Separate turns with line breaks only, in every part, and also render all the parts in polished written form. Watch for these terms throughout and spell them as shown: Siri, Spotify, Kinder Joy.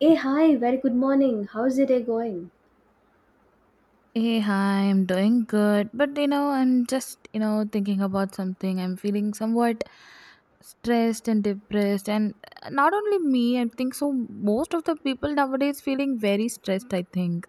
Hey, hi, very good morning. How's the day going?
Hey, hi, I'm doing good. But you know, I'm just, you know, thinking about something. I'm feeling somewhat stressed and depressed. And not only me, I think so. Most of the people nowadays feeling very stressed, I think.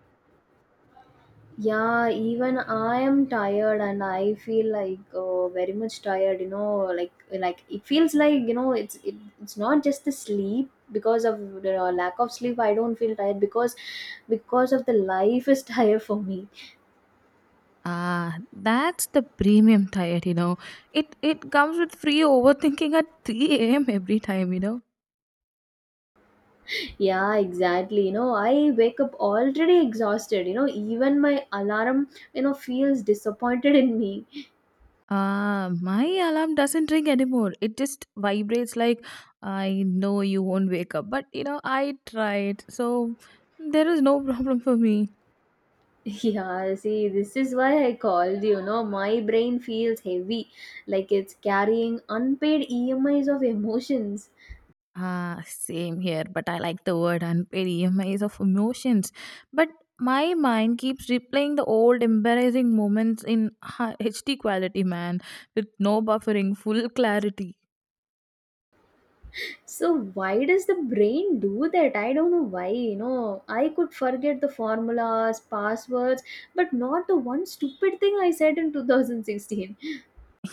Yeah, even I am tired and I feel like very much tired, you know, like it feels like, you know, it's not just the sleep because of the lack of sleep. I don't feel tired because of the life is tired for me.
Ah, that's the premium diet, you know. It comes with free overthinking at 3 a.m. every time, you know.
Yeah, exactly. You know, I wake up already exhausted, you know, even my alarm, you know, feels disappointed in me.
My alarm doesn't ring anymore. It just vibrates like I know you won't wake up. But you know, I tried. So there is no problem for me.
Yeah, see, this is why I called you. Know, my brain feels heavy, like it's carrying unpaid EMIs of emotions.
Ah, same here, but I like the word unpaid EMIs of emotions. But my mind keeps replaying the old embarrassing moments in HD quality, man, with no buffering, full clarity.
So, why does the brain do that? I don't know why. You know, I could forget the formulas, passwords, but not the one stupid thing I said in 2016.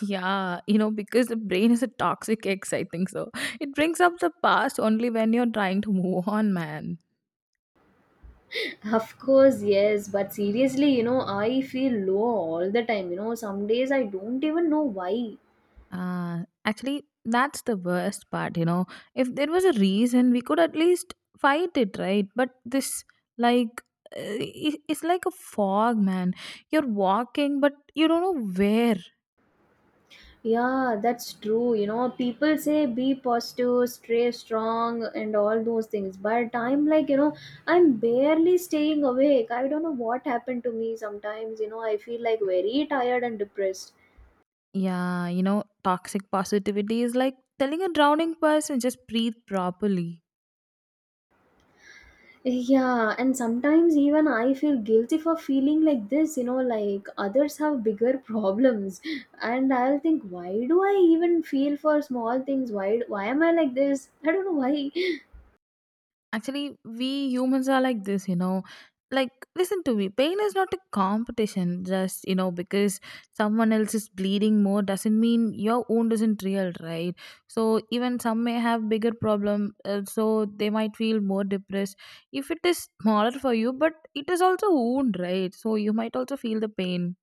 Yeah, you know, because the brain is a toxic ex, I think so. It brings up the past only when you're trying to move on, man.
Of course, yes, but seriously, you know, I feel low all the time. You know, some days I don't even know why.
Actually, that's the worst part, you know. If there was a reason, we could at least fight it, right? But like, uh, it's like a fog, man. You're walking, but you don't know where.
Yeah, that's true. You know, people say be positive, stay strong, and all those things. But I'm like, you know, I'm barely staying awake. I don't know what happened to me sometimes. You know, I feel like very tired and depressed.
Yeah, you know, toxic positivity is like telling a drowning person, just breathe properly.
Yeah, and sometimes even I feel guilty for feeling like this, you know, like others have bigger problems. And I'll think, why do I even feel for small things? Why am I like this? I don't know why.
Actually, we humans are like this, you know. Like, listen to me. Pain is not a competition. Just, you know, because someone else is bleeding more doesn't mean your wound isn't real, right? So, even some may have bigger problem, so they might feel more depressed. If it is smaller for you, but it is also wound, right? So, you might also feel the pain.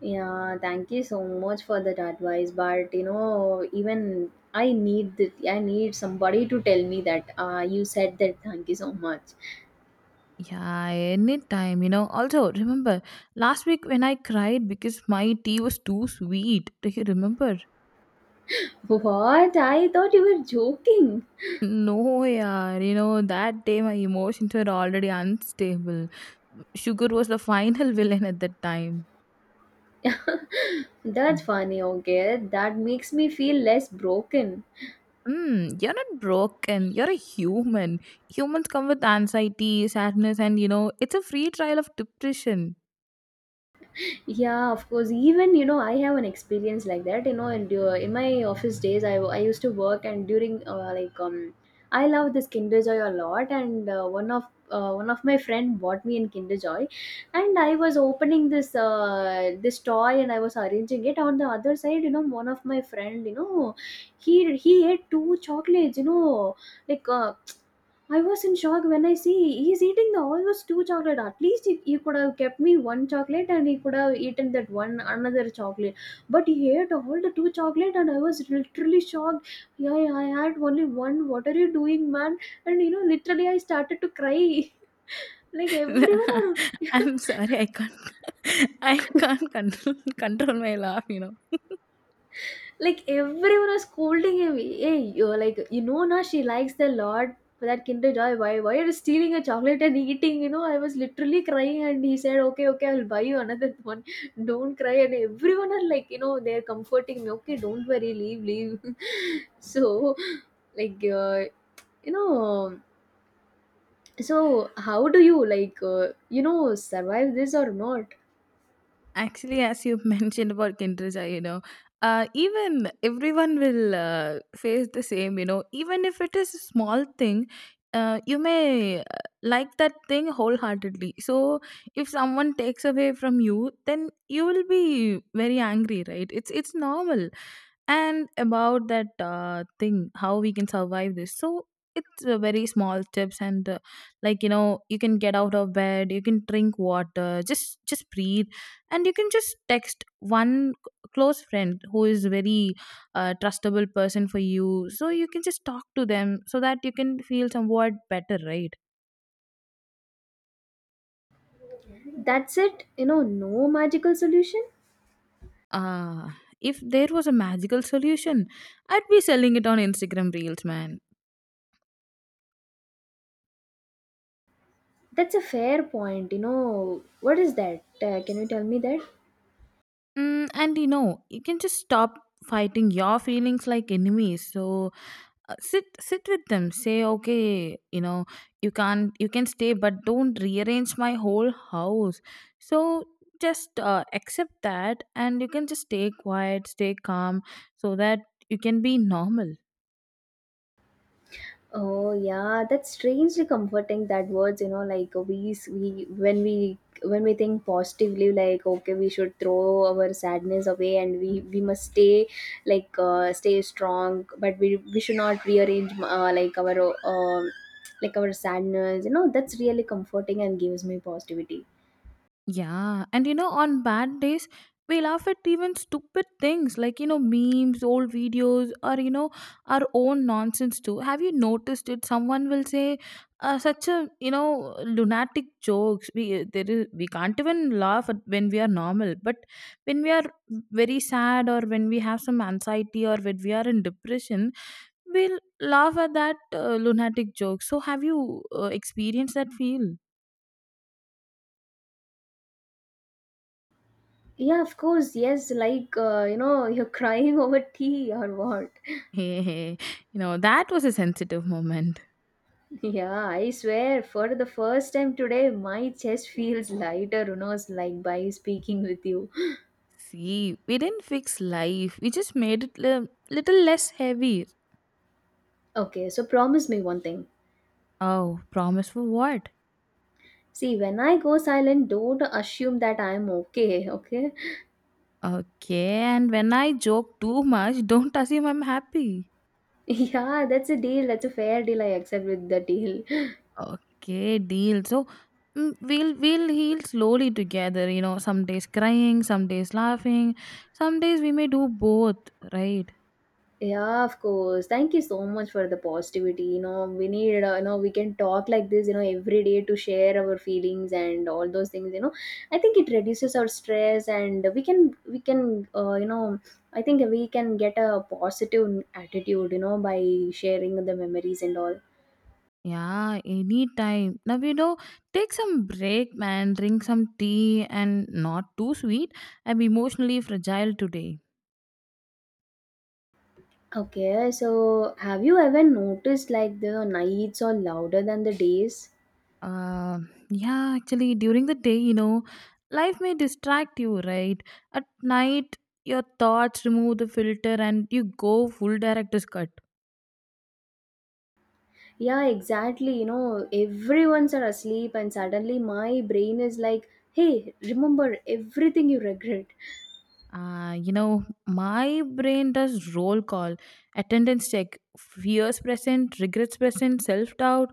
Yeah, thank you so much for that advice. But you know, even I need I need somebody to tell me that you said that. Thank you so much.
Yeah, anytime, you know. Also, remember, last week when I cried because my tea was too sweet. Do you remember?
What? I thought you were joking.
No, yeah, you know, that day my emotions were already unstable. Sugar was the final villain at that time. Mm.
That's funny. Okay, that makes me feel less broken.
Hmm, you're not broken. You're a human. Humans come with anxiety, sadness, and you know, it's a free trial of depression.
Yeah, of course. Even, you know, I have an experience like that. You know, and in my office days, I used to work and during I love this Kinder Joy a lot, and one of my friend bought me in Kinder Joy, and I was opening this this toy and I was arranging it. On the other side, you know, one of my friend, you know, he ate two chocolates. You know, like I was in shock when I see he's eating the almost two chocolate. At least he could have kept me one chocolate and he could have eaten that one another chocolate. But he ate all the two chocolate and I was literally shocked. Yeah, yeah, I had only one. What are you doing, man? And you know, literally I started to cry. Like everyone are
I'm sorry, I can't. I can't control, control my laugh. You know.
like everyone was scolding him. Hey, you're like, you know, now she likes the lord for that Kinder Joy. Why are you stealing a chocolate and eating? You know, I was literally crying and he said, okay, okay, I'll buy you another one. Don't cry. And everyone are like, you know, they're comforting me. Okay, don't worry, leave. So, like you know, so how do you you know, survive this or not?
Actually, as you mentioned about kinderja, you know, even everyone will face the same, you know, even if it is a small thing, you may like that thing wholeheartedly. So, if someone takes away from you, then you will be very angry, right? It's normal. And about that thing, how we can survive this. So, it's very small tips and like you know you can get out of bed, you can drink water, just breathe, and you can just text one close friend who is very trustable person for you, so you can just talk to them so that you can feel somewhat better, right?
That's it, you know, no magical solution.
uh if there was a magical solution, I'd be selling it on Instagram reels, man.
That's a fair point. You know, what is that? Can you tell me that?
Mm, and you know you can just stop fighting your feelings like enemies. So sit with them, say okay, you know, you can stay, but don't rearrange my whole house. So just accept that and you can just stay quiet, stay calm so that you can be normal.
Oh yeah, that's strangely comforting. That words, you know, like we when we think positively, like okay, we should throw our sadness away and we must stay like stay strong, but we should not rearrange um like our sadness. You know, that's really comforting and gives me positivity.
Yeah, and you know, on bad days, we laugh at even stupid things like, you know, memes, old videos, or, you know, our own nonsense too. Have you noticed it? Someone will say such a, you know, lunatic jokes. We can't even laugh at when we are normal, but when we are very sad or when we have some anxiety or when we are in depression, we'll laugh at that lunatic joke. So, have you experienced that feel?
Yeah, of course, yes. Like you know, you're crying over tea or what?
Hey, hey, you know, that was a sensitive moment.
Yeah, I swear, for the first time today, my chest feels lighter, who knows, like by speaking with you.
See, we didn't fix life, we just made it a little less heavy.
Okay, so promise me one thing.
Oh, promise for what?
See, when I go silent, don't assume that I'm okay, okay?
Okay, and when I joke too much, don't assume I'm happy.
Yeah, that's a deal, that's a fair deal. I accept with the deal.
Okay, deal. So mm, we'll heal slowly together, you know, some days crying, some days laughing, some days we may do both, right?
Yeah, of course. Thank you so much for the positivity. You know, we need, you know, we can talk like this, you know, every day to share our feelings and all those things, you know. I think it reduces our stress and we can, you know, I think we can get a positive attitude, you know, by sharing the memories and all.
Yeah, anytime. Now, you know, take some break, man. Drink some tea and not too sweet. I'm emotionally fragile today.
Okay, so have you ever noticed like the nights are louder than the days?
Uh, yeah, actually, during the day, you know, life may distract you, right? At night, your thoughts remove the filter and you go full director's cut.
Yeah, exactly. You know, everyone's are asleep, and suddenly my brain is like, hey, remember everything you regret.
You know, my brain does roll call, attendance check, fears present, regrets present, self doubt,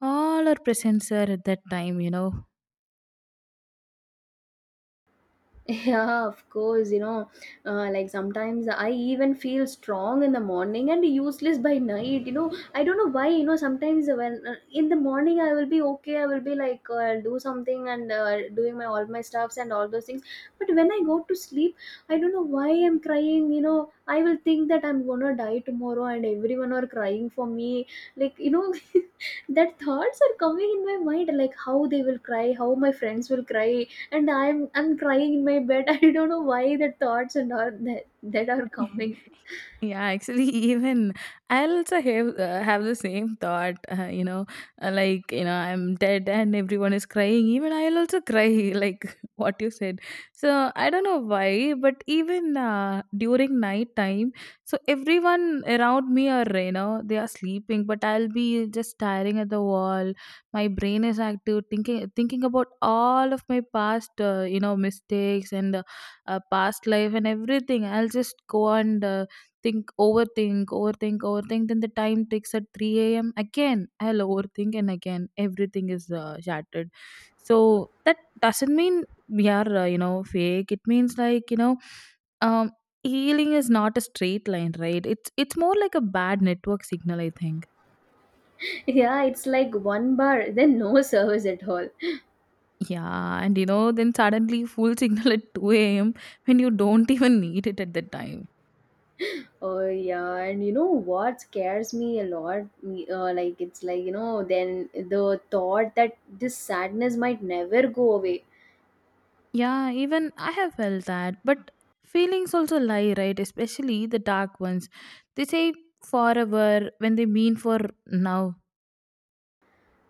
all are present, sir, at that time, you know.
Yeah, of course, you know, like sometimes I even feel strong in the morning and useless by night. You know, I don't know why, you know, sometimes when in the morning I will be okay, I will be like, I'll do something and doing my all my stuffs and all those things. But when I go to sleep, I don't know why I'm crying. You know, I will think that I'm gonna die tomorrow and everyone are crying for me. Like, you know, that thoughts are coming in my mind, like how they will cry, how my friends will cry and I'm crying in my bed. I don't know why the thoughts and all that are coming.
Yeah, actually, even I also have the same thought. Like you know, I'm dead and everyone is crying. Even I'll also cry, like what you said. So I don't know why, but even during night time, so everyone around me are you know they are sleeping, but I'll be just staring at the wall. My brain is active, thinking about all of my past, you know, mistakes and past life and everything. I'll just go and think, overthink, overthink, overthink. Then the time takes at 3 a.m. Again, I'll overthink and again everything is shattered. So that doesn't mean we are, you know, fake. It means like, you know, um, healing is not a straight line, right? It's more like a bad network signal, I think.
Yeah, it's like one bar, then no service at all.
Yeah, and you know, then suddenly full signal at 2 a.m. when you don't even need it at that time.
Oh yeah, and you know what scares me a lot? Like it's like, you know, then the thought that this sadness might never go away.
Yeah, even I have felt that. But feelings also lie, right? Especially the dark ones. They say forever when they mean for now.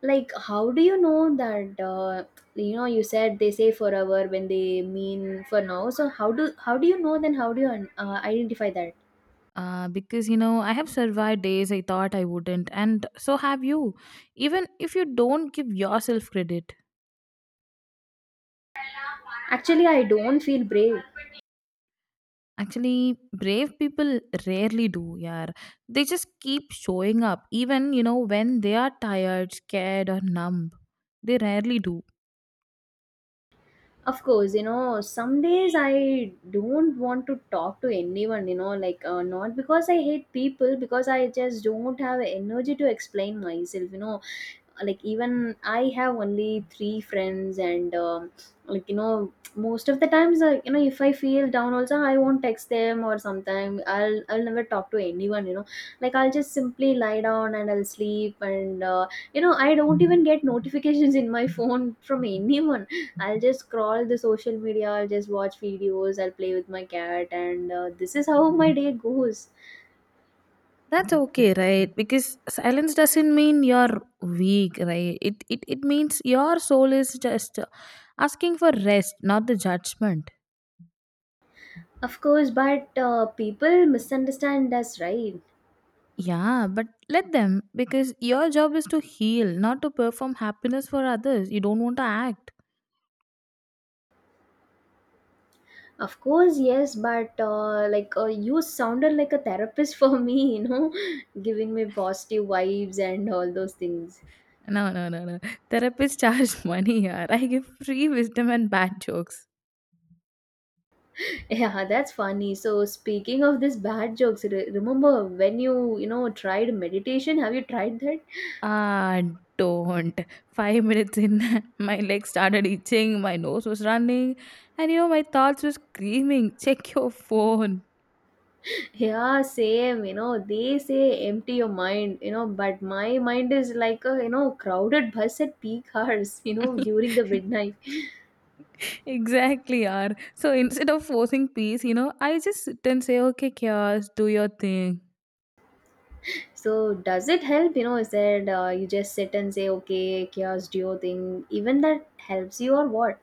Like how do you know that? You know, you said they say forever when they mean for now. So how do you know then? How do you identify that?
Because you know, I have survived days I thought I wouldn't, and so have you. Even if you don't give yourself credit,
Actually, I don't feel brave.
actually, brave people rarely do. Yeah, they just keep showing up, even you know, when they are tired, scared, or numb. They rarely do.
Of course, you know, some days I don't want to talk to anyone, you know, like not because I hate people, because I just don't have energy to explain myself, you know. Like, even I have only three friends, and like, you know, most of the times, you know, if I feel down, also, I won't text them, or sometime I'll never talk to anyone, you know. Like, I'll just simply lie down and I'll sleep, and you know, I don't even get notifications in my phone from anyone. I'll just scroll the social media, I'll just watch videos, I'll play with my cat, and this is how my day goes.
That's okay, right? Because silence doesn't mean you're weak, right? It means your soul is just asking for rest, not the judgment.
Of course, but people misunderstand us, right?
Yeah, but let them, because your job is to heal, not to perform happiness for others. You don't want to act.
Of course, yes, but you sounded like a therapist for me, you know, giving me positive vibes and all those things.
No. Therapists charge money. Here I give free wisdom and bad jokes.
Yeah, that's funny. So, speaking of this bad jokes, remember when you know, tried meditation? Have you tried that?
Ah, don't. 5 minutes in, my legs started itching, my nose was running, and you know, my thoughts were screaming, check your phone.
Yeah, same. You know, they say empty your mind, you know, but my mind is like a, you know, crowded bus at peak hours, you know, during the midnight.
Exactly, yaar. So instead of forcing peace, you know, I just sit and say, okay, chaos, do your thing.
So, does it help? You know, is that you just sit and say, okay, chaos duo thing, even that helps you or what?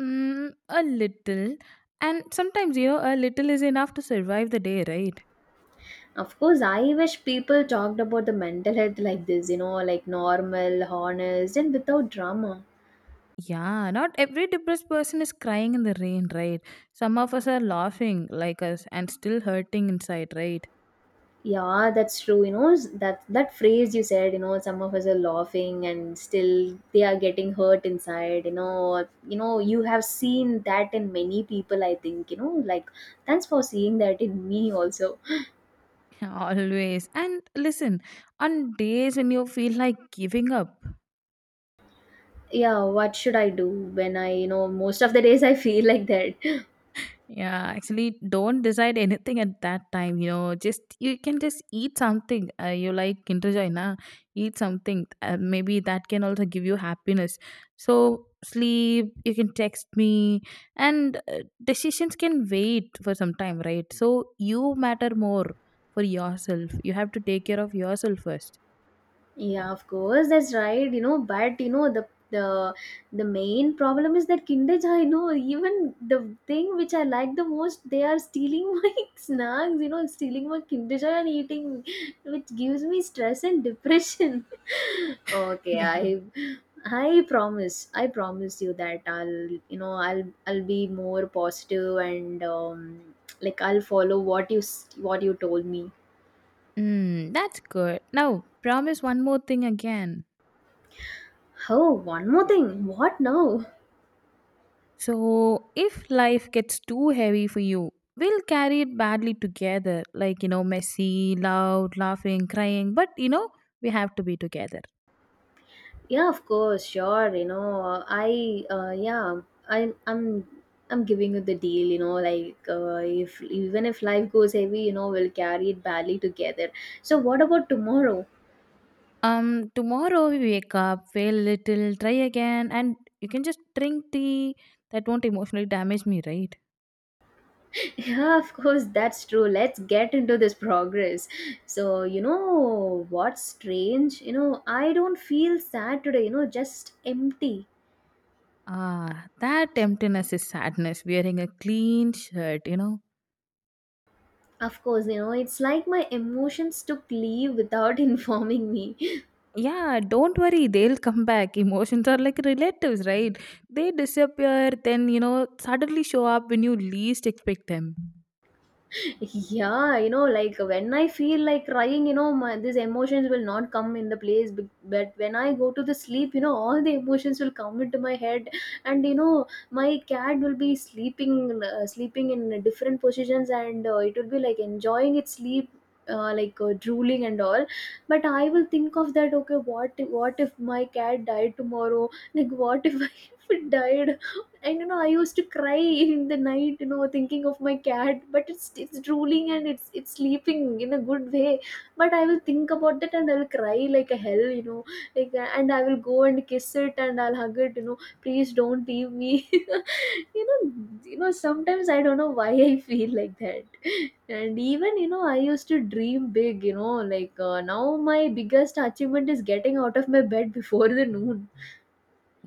Mm, a little. And sometimes, you know, a little is enough to survive the day, right?
Of course, I wish people talked about the mental health like this, you know, like normal, honest, and without drama.
Yeah, not every depressed person is crying in the rain, right? Some of us are laughing like us and still hurting inside, right?
Yeah, that's true. You know, that phrase you said, you know, some of us are laughing and still they are getting hurt inside, you know. You know, you have seen that in many people, I think, you know, like thanks for seeing that in me also.
Always. And listen, on days when you feel like giving up,
Yeah, what should I do when I, you know, most of the days I feel like that.
yeah, actually don't decide anything at that time. You know, just you can just eat something. You like Kinder Joy, na? Eat something. Maybe that can also give you happiness. So sleep. You can text me, and decisions can wait for some time, right? So you matter more for yourself. You have to take care of yourself first.
Yeah, of course, that's right. You know, but you know the main problem is that Kinder Joy. You know, even the thing which I like the most, they are stealing my snacks. You know, stealing my Kinder Joy and eating, which gives me stress and depression. Okay,
Yeah.
I promise, I promise you that I'll, you know, I'll be more positive and like I'll follow what you what you told me.
Mm, that's good. Now, promise one more thing again.
Oh, one more thing. What now?
So, if life gets too heavy for you, we'll carry it badly together. Like, you know, messy, loud, laughing, crying. But, you know, we have to be together.
Yeah, of course, sure. You know, I yeah, I'm I'm I'm giving you the deal. You know, like if even if life goes heavy, you know, we'll carry it badly together. So what about tomorrow?
Tomorrow we wake up, fail a little, try again, and you can just drink tea. That won't emotionally damage me, right?
Yeah, of course, that's true. Let's get into this progress. So you know what's strange? You know, I don't feel sad today. You know, just empty.
Ah, that emptiness is sadness. Wearing a clean shirt, you know.
Of course, you know, it's like my emotions took leave without informing me.
Yeah, don't worry, they'll come back. Emotions are like relatives, right? They disappear, then, you know, suddenly show up when you least expect them.
Yeah, like when I feel like crying, these emotions will not come in the place, but when I go to the sleep, all the emotions will come into my head. And my cat will be sleeping, sleeping in different positions, and it will be like enjoying its sleep, like, drooling and all. But I will think of that, okay, what if my cat died tomorrow, like what if I died. And you know. I used to cry in the night, thinking of my cat. But it's drooling, and it's sleeping in a good way. But I will think about that, and I will cry like a hell. Like, and I will go and kiss it, and I'll hug it. Please don't leave me. Sometimes I don't know why I feel like that. And even I used to dream big. Like, now my biggest achievement is getting out of my bed before the noon.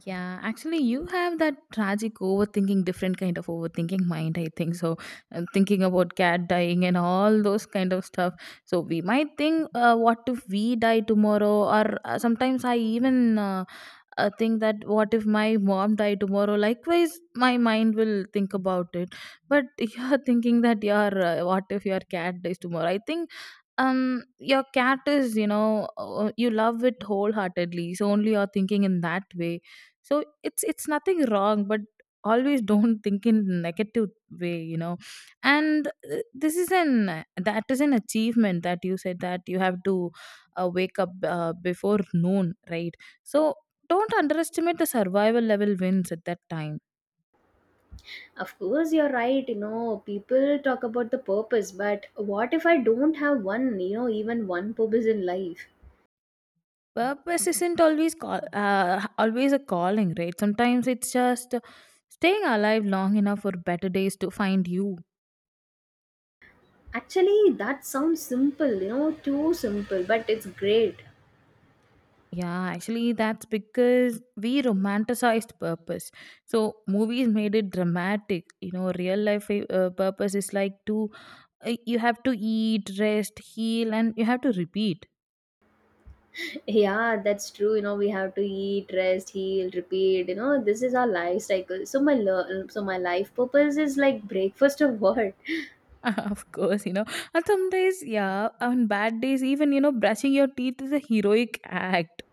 Yeah, actually, you have that tragic overthinking, different kind of overthinking mind, I think. So, and thinking about cat dying and all those kind of stuff. So, we might think, what if we die tomorrow? Or sometimes I even think that what if my mom die tomorrow. Likewise my mind will think about it, but you're thinking that your what if your cat dies tomorrow. I think your cat is, you know, you love it wholeheartedly, so only you're thinking in that way. So it's nothing wrong, but always don't think in negative way, you know. And this is an that is an achievement, that you said that you have to wake up before noon, right? So don't underestimate the survival level wins at that time.
Of course, you're right. People talk about the purpose, but what if I don't have one, even one purpose in life?
Purpose isn't always call, always a calling, right? Sometimes it's just staying alive long enough for better days to find you.
Actually, that sounds simple, too simple, but it's great.
Yeah, actually that's because we romanticized purpose. So movies made it dramatic, you know. Real life, purpose is like to, you have to eat, rest, heal, and you have to repeat.
Yeah, that's true. We have to eat, rest, heal, repeat. This is our life cycle. So so my life purpose is like breakfast of what?
Of course, you know. And some days, yeah, on bad days, even, you know, brushing your teeth is a heroic act.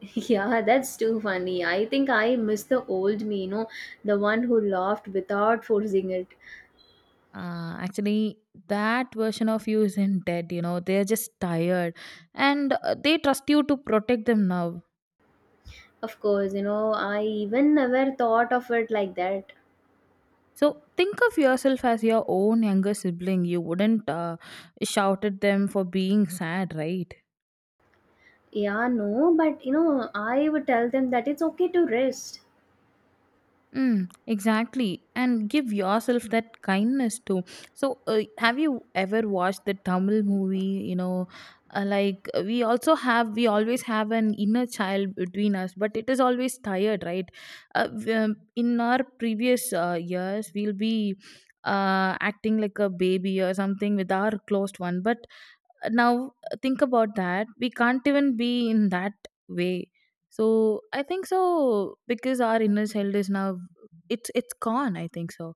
yeah, that's too funny. I think I miss the old me, the one who laughed without forcing it.
Actually, that version of you isn't dead, you know, they're just tired and they trust you to protect them now.
Of course, I even never thought of it like that.
So think of yourself as your own younger sibling. You wouldn't shout at them for being sad, right?
Yeah, no, but I would tell them that it's okay to rest.
Mm, exactly. And give yourself that kindness too. So, have you ever watched the Tamil movie? You know, we always have an inner child between us, but it is always tired, right? In our previous years, we'll be acting like a baby or something with our closed one. But now, think about that we can't even be in that way. So I think so, because our inner child is now, it's gone, I think so.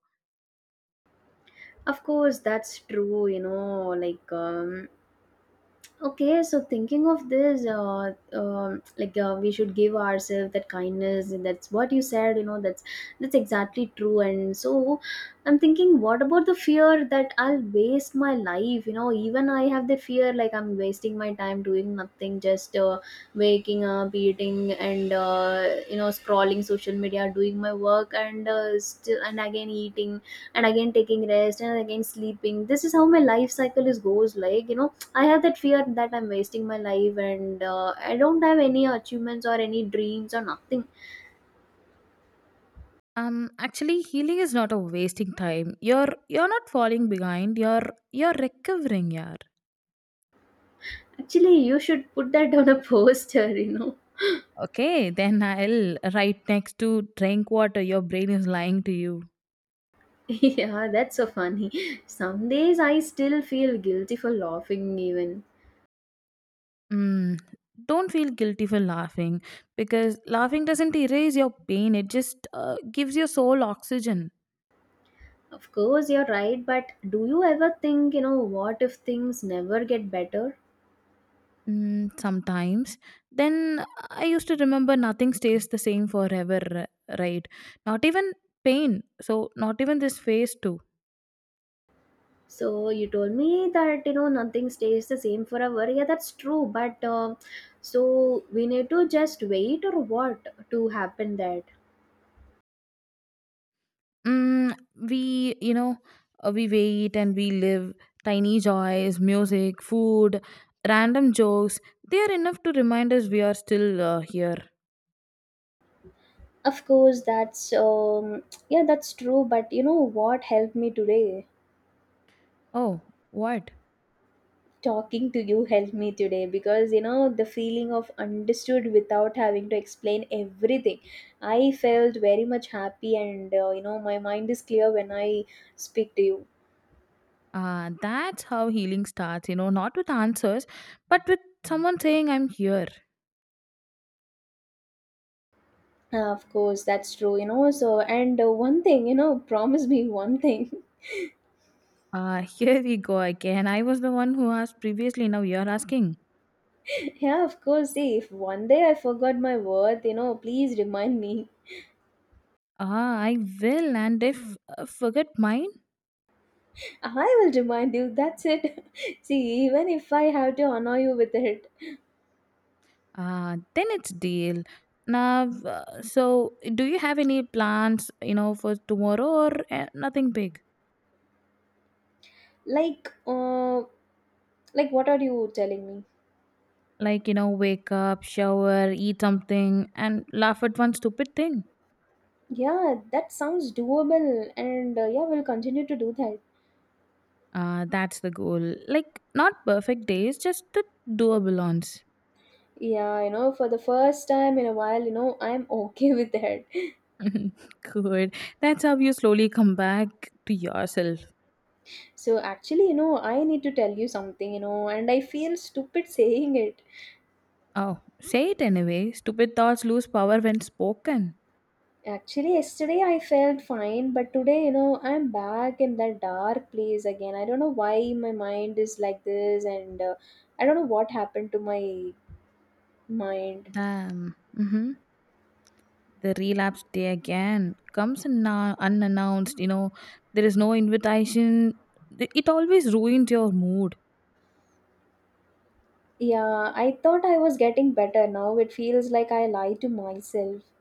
Of course, that's true, like, okay, so thinking of this, like, we should give ourselves that kindness, and that's what you said. That's exactly true. And so, I'm thinking, what about the fear that I'll waste my life? Even I have the fear, like I'm wasting my time doing nothing, just waking up, eating, and scrolling social media, doing my work, and still, and again eating, and again taking rest, and again sleeping. This is how my life cycle is goes. I have that fear that I'm wasting my life, and I don't have any achievements or any dreams or nothing.
Actually healing is not a wasting time. You're not falling behind, you're recovering, yaar.
Actually, you should put that on a poster.
Okay, then I'll right next to drink water, your brain is lying to you.
yeah, that's so funny. Some days I still feel guilty for laughing, even.
Mm, don't feel guilty for laughing, because laughing doesn't erase your pain, it just gives your soul oxygen.
Of course, you're right, but do you ever think, what if things never get better?
Mm, sometimes. Then I used to remember nothing stays the same forever, right? Not even pain. So, not even this phase, too.
So, you told me that, nothing stays the same forever. Yeah, that's true, but so we need to just wait or what to happen that?
Mm, we, you know, we wait and we live. Tiny joys, music, food, random jokes, they are enough to remind us we are still here.
Of course, that's yeah, that's true. But you know what helped me today?
Oh, what?
Talking to you helped me today, because the feeling of understood without having to explain everything. I felt very much happy, and my mind is clear when I speak to you.
That's how healing starts, you know, not with answers, but with someone saying, I'm here.
Of course, that's true. So and one thing, promise me one thing.
Ah, here we go again. I was the one who asked previously. Now you're asking.
yeah, of course. See, if one day I forgot my word, please remind me.
Ah, I will. And if forget mine,
I will remind you. That's it. See, even if I have to annoy you with it,
ah, then it's deal. Now, so do you have any plans? You know, for tomorrow? Or nothing big?
like, uh, like what are you telling me?
Like, you know, wake up, shower, eat something, and laugh at one stupid thing.
Yeah, that sounds doable, and yeah, we'll continue to do that.
Ah, that's the goal. Like not perfect days, just the doable ones.
Yeah, for the first time in a while, I'm okay with that.
Good. That's how you slowly come back to yourself.
So actually, I need to tell you something, and I feel stupid saying it.
Oh, say it anyway. Stupid thoughts lose power when spoken.
Actually, yesterday I felt fine, but today, I'm back in that dark place again. I don't know why my mind is like this, and I don't know what happened to my mind.
Damn. Hmm. The relapse day again comes in now unannounced. You know, there is no invitation. It always ruins your mood.
Yeah, I thought I was getting better. Now it feels like I lie to myself.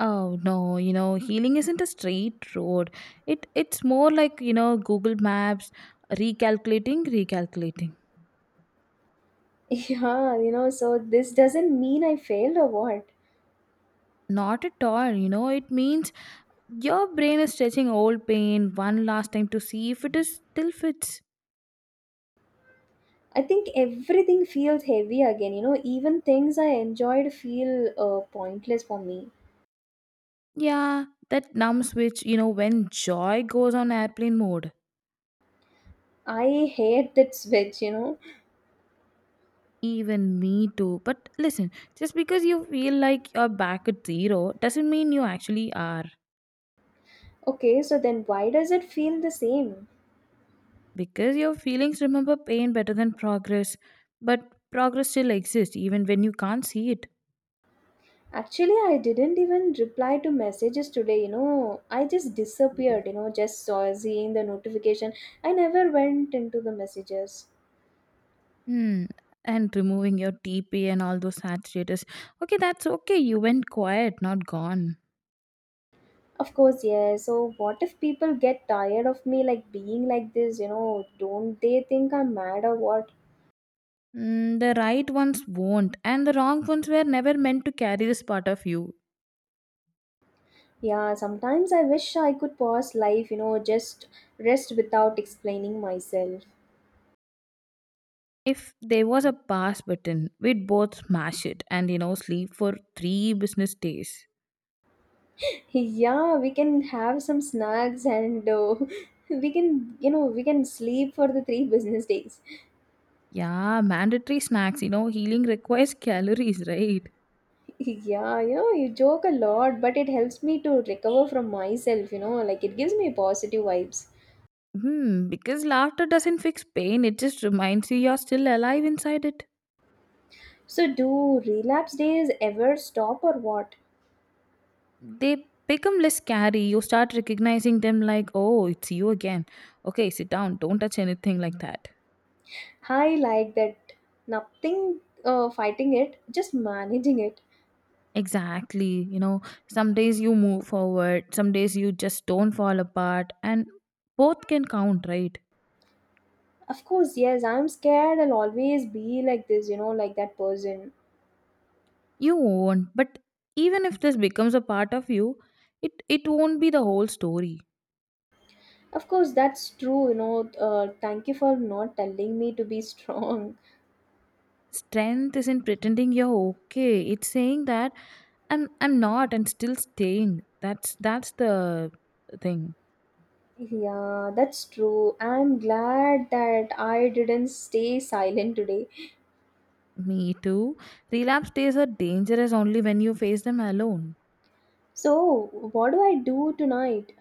Oh no, you know, healing isn't a straight road. It's more like, you know, Google Maps recalculating, recalculating.
Yeah, so this doesn't mean I failed or what.
Not at all. You know, it means your brain is stretching old pain one last time to see if it is still fits.
I think everything feels heavy again, even things I enjoyed feel pointless for me.
Yeah, that numb switch, you know, when joy goes on airplane mode.
I hate that switch.
Even me too. But listen, just because you feel like you're back at zero doesn't mean you actually are.
Okay, so then why does it feel the same?
Because your feelings remember pain better than progress. But progress still exists even when you can't see it.
Actually, I didn't even reply to messages today. I just disappeared, just saw seeing the notification. I never went into the messages.
Hmm. And removing your TP and all those sad status. Okay, that's okay. You went quiet, not gone.
Of course, yeah. So what if people get tired of me like being like this? Don't they think I'm mad or what?
Mm, the right ones won't, and the wrong ones were never meant to carry this part of you.
Yeah, sometimes I wish I could pause life, just rest without explaining myself.
If there was a pass button, we'd both smash it and, you know, sleep for three business days.
Yeah, we can have some snacks, and we can, we can sleep for the 3 business days.
Yeah, mandatory snacks, you know, healing requires calories, right?
yeah, you joke a lot, but it helps me to recover from myself, like it gives me positive vibes.
Hmm, because laughter doesn't fix pain, it just reminds you you're still alive inside it.
So do relapse days ever stop or what?
They become less scary. You start recognizing them like, oh, it's you again. Okay, sit down, don't touch anything like that.
I like that. Nothing, fighting it, just managing it.
Exactly. You know, some days you move forward, some days you just don't fall apart, and both can count, right?
Of course, yes, I'm scared I'll always be like this, like that person.
You won't, but even if this becomes a part of you, it won't be the whole story.
Of course, that's true. Thank you for not telling me to be strong.
Strength isn't pretending you're okay. It's saying that I'm not and still staying. That's the thing.
Yeah, that's true. I'm glad that I didn't stay silent today.
Me too. Relapse days are dangerous only when you face them alone.
So, what do I do tonight?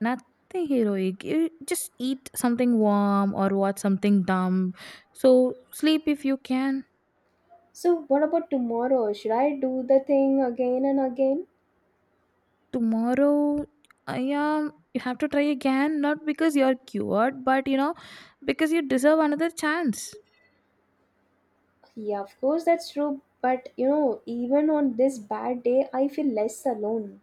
Nothing heroic. You just eat something warm or watch something dumb. So sleep if you can.
So, what about tomorrow? Should I do the thing again and again?
Tomorrow, yeah, you have to try again, not because you're cured, but you know, because you deserve another chance.
Yeah, of course, that's true. But even on this bad day, I feel less alone.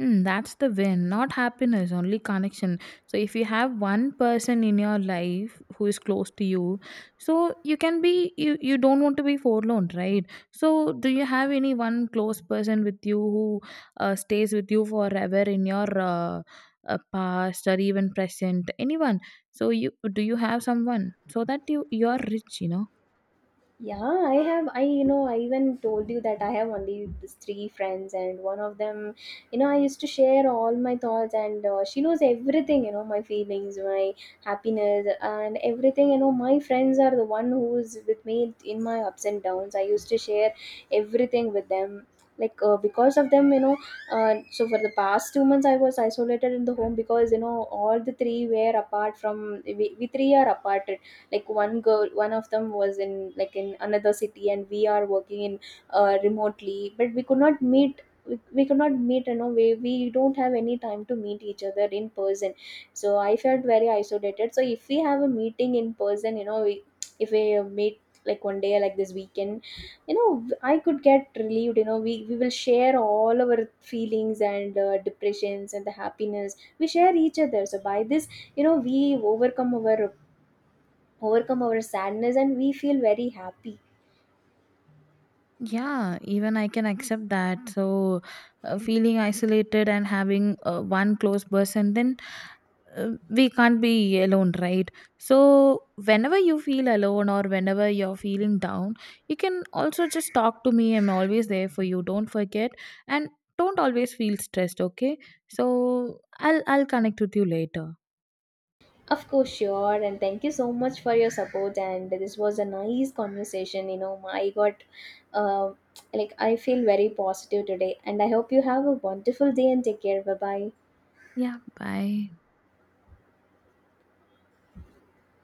Mm, that's the win, not happiness, only connection. So, if you have one person in your life who is close to you, so you can be, you don't want to be forlorn, right? So, do you have any one close person with you who stays with you forever in your past or even present? Anyone? So, you do you have someone so that you are rich, you know?
Yeah, I have. I, I even told you that I have only these three friends, and one of them, I used to share all my thoughts, and she knows everything, my feelings, my happiness, and everything. My friends are the one who's with me in my ups and downs. I used to share everything with them. Like, because of them, so for the past 2 months, I was isolated in the home, because all the three were apart from we three are apart, like one girl, one of them was in, like, in another city, and we are working in, remotely, but we could not meet, we could not meet, we don't have any time to meet each other in person. So I felt very isolated, so if we have a meeting in person, if we meet like one day, like this weekend, I could get relieved. We will share all our feelings and depressions and the happiness we share each other, so by this, we overcome our sadness, and we feel very happy.
Yeah, even I can accept that. So, feeling isolated and having one close person, then we can't be alone, right? So whenever you feel alone or whenever you're feeling down, you can also just talk to me. I'm always there for you, don't forget. And don't always feel stressed, okay? So I'll connect with you later.
Of course, sure. And thank you so much for your support. And this was a nice conversation. I got, uh, like, I feel very positive today. And I hope you have a wonderful day and take care. Bye bye.
Yeah, bye.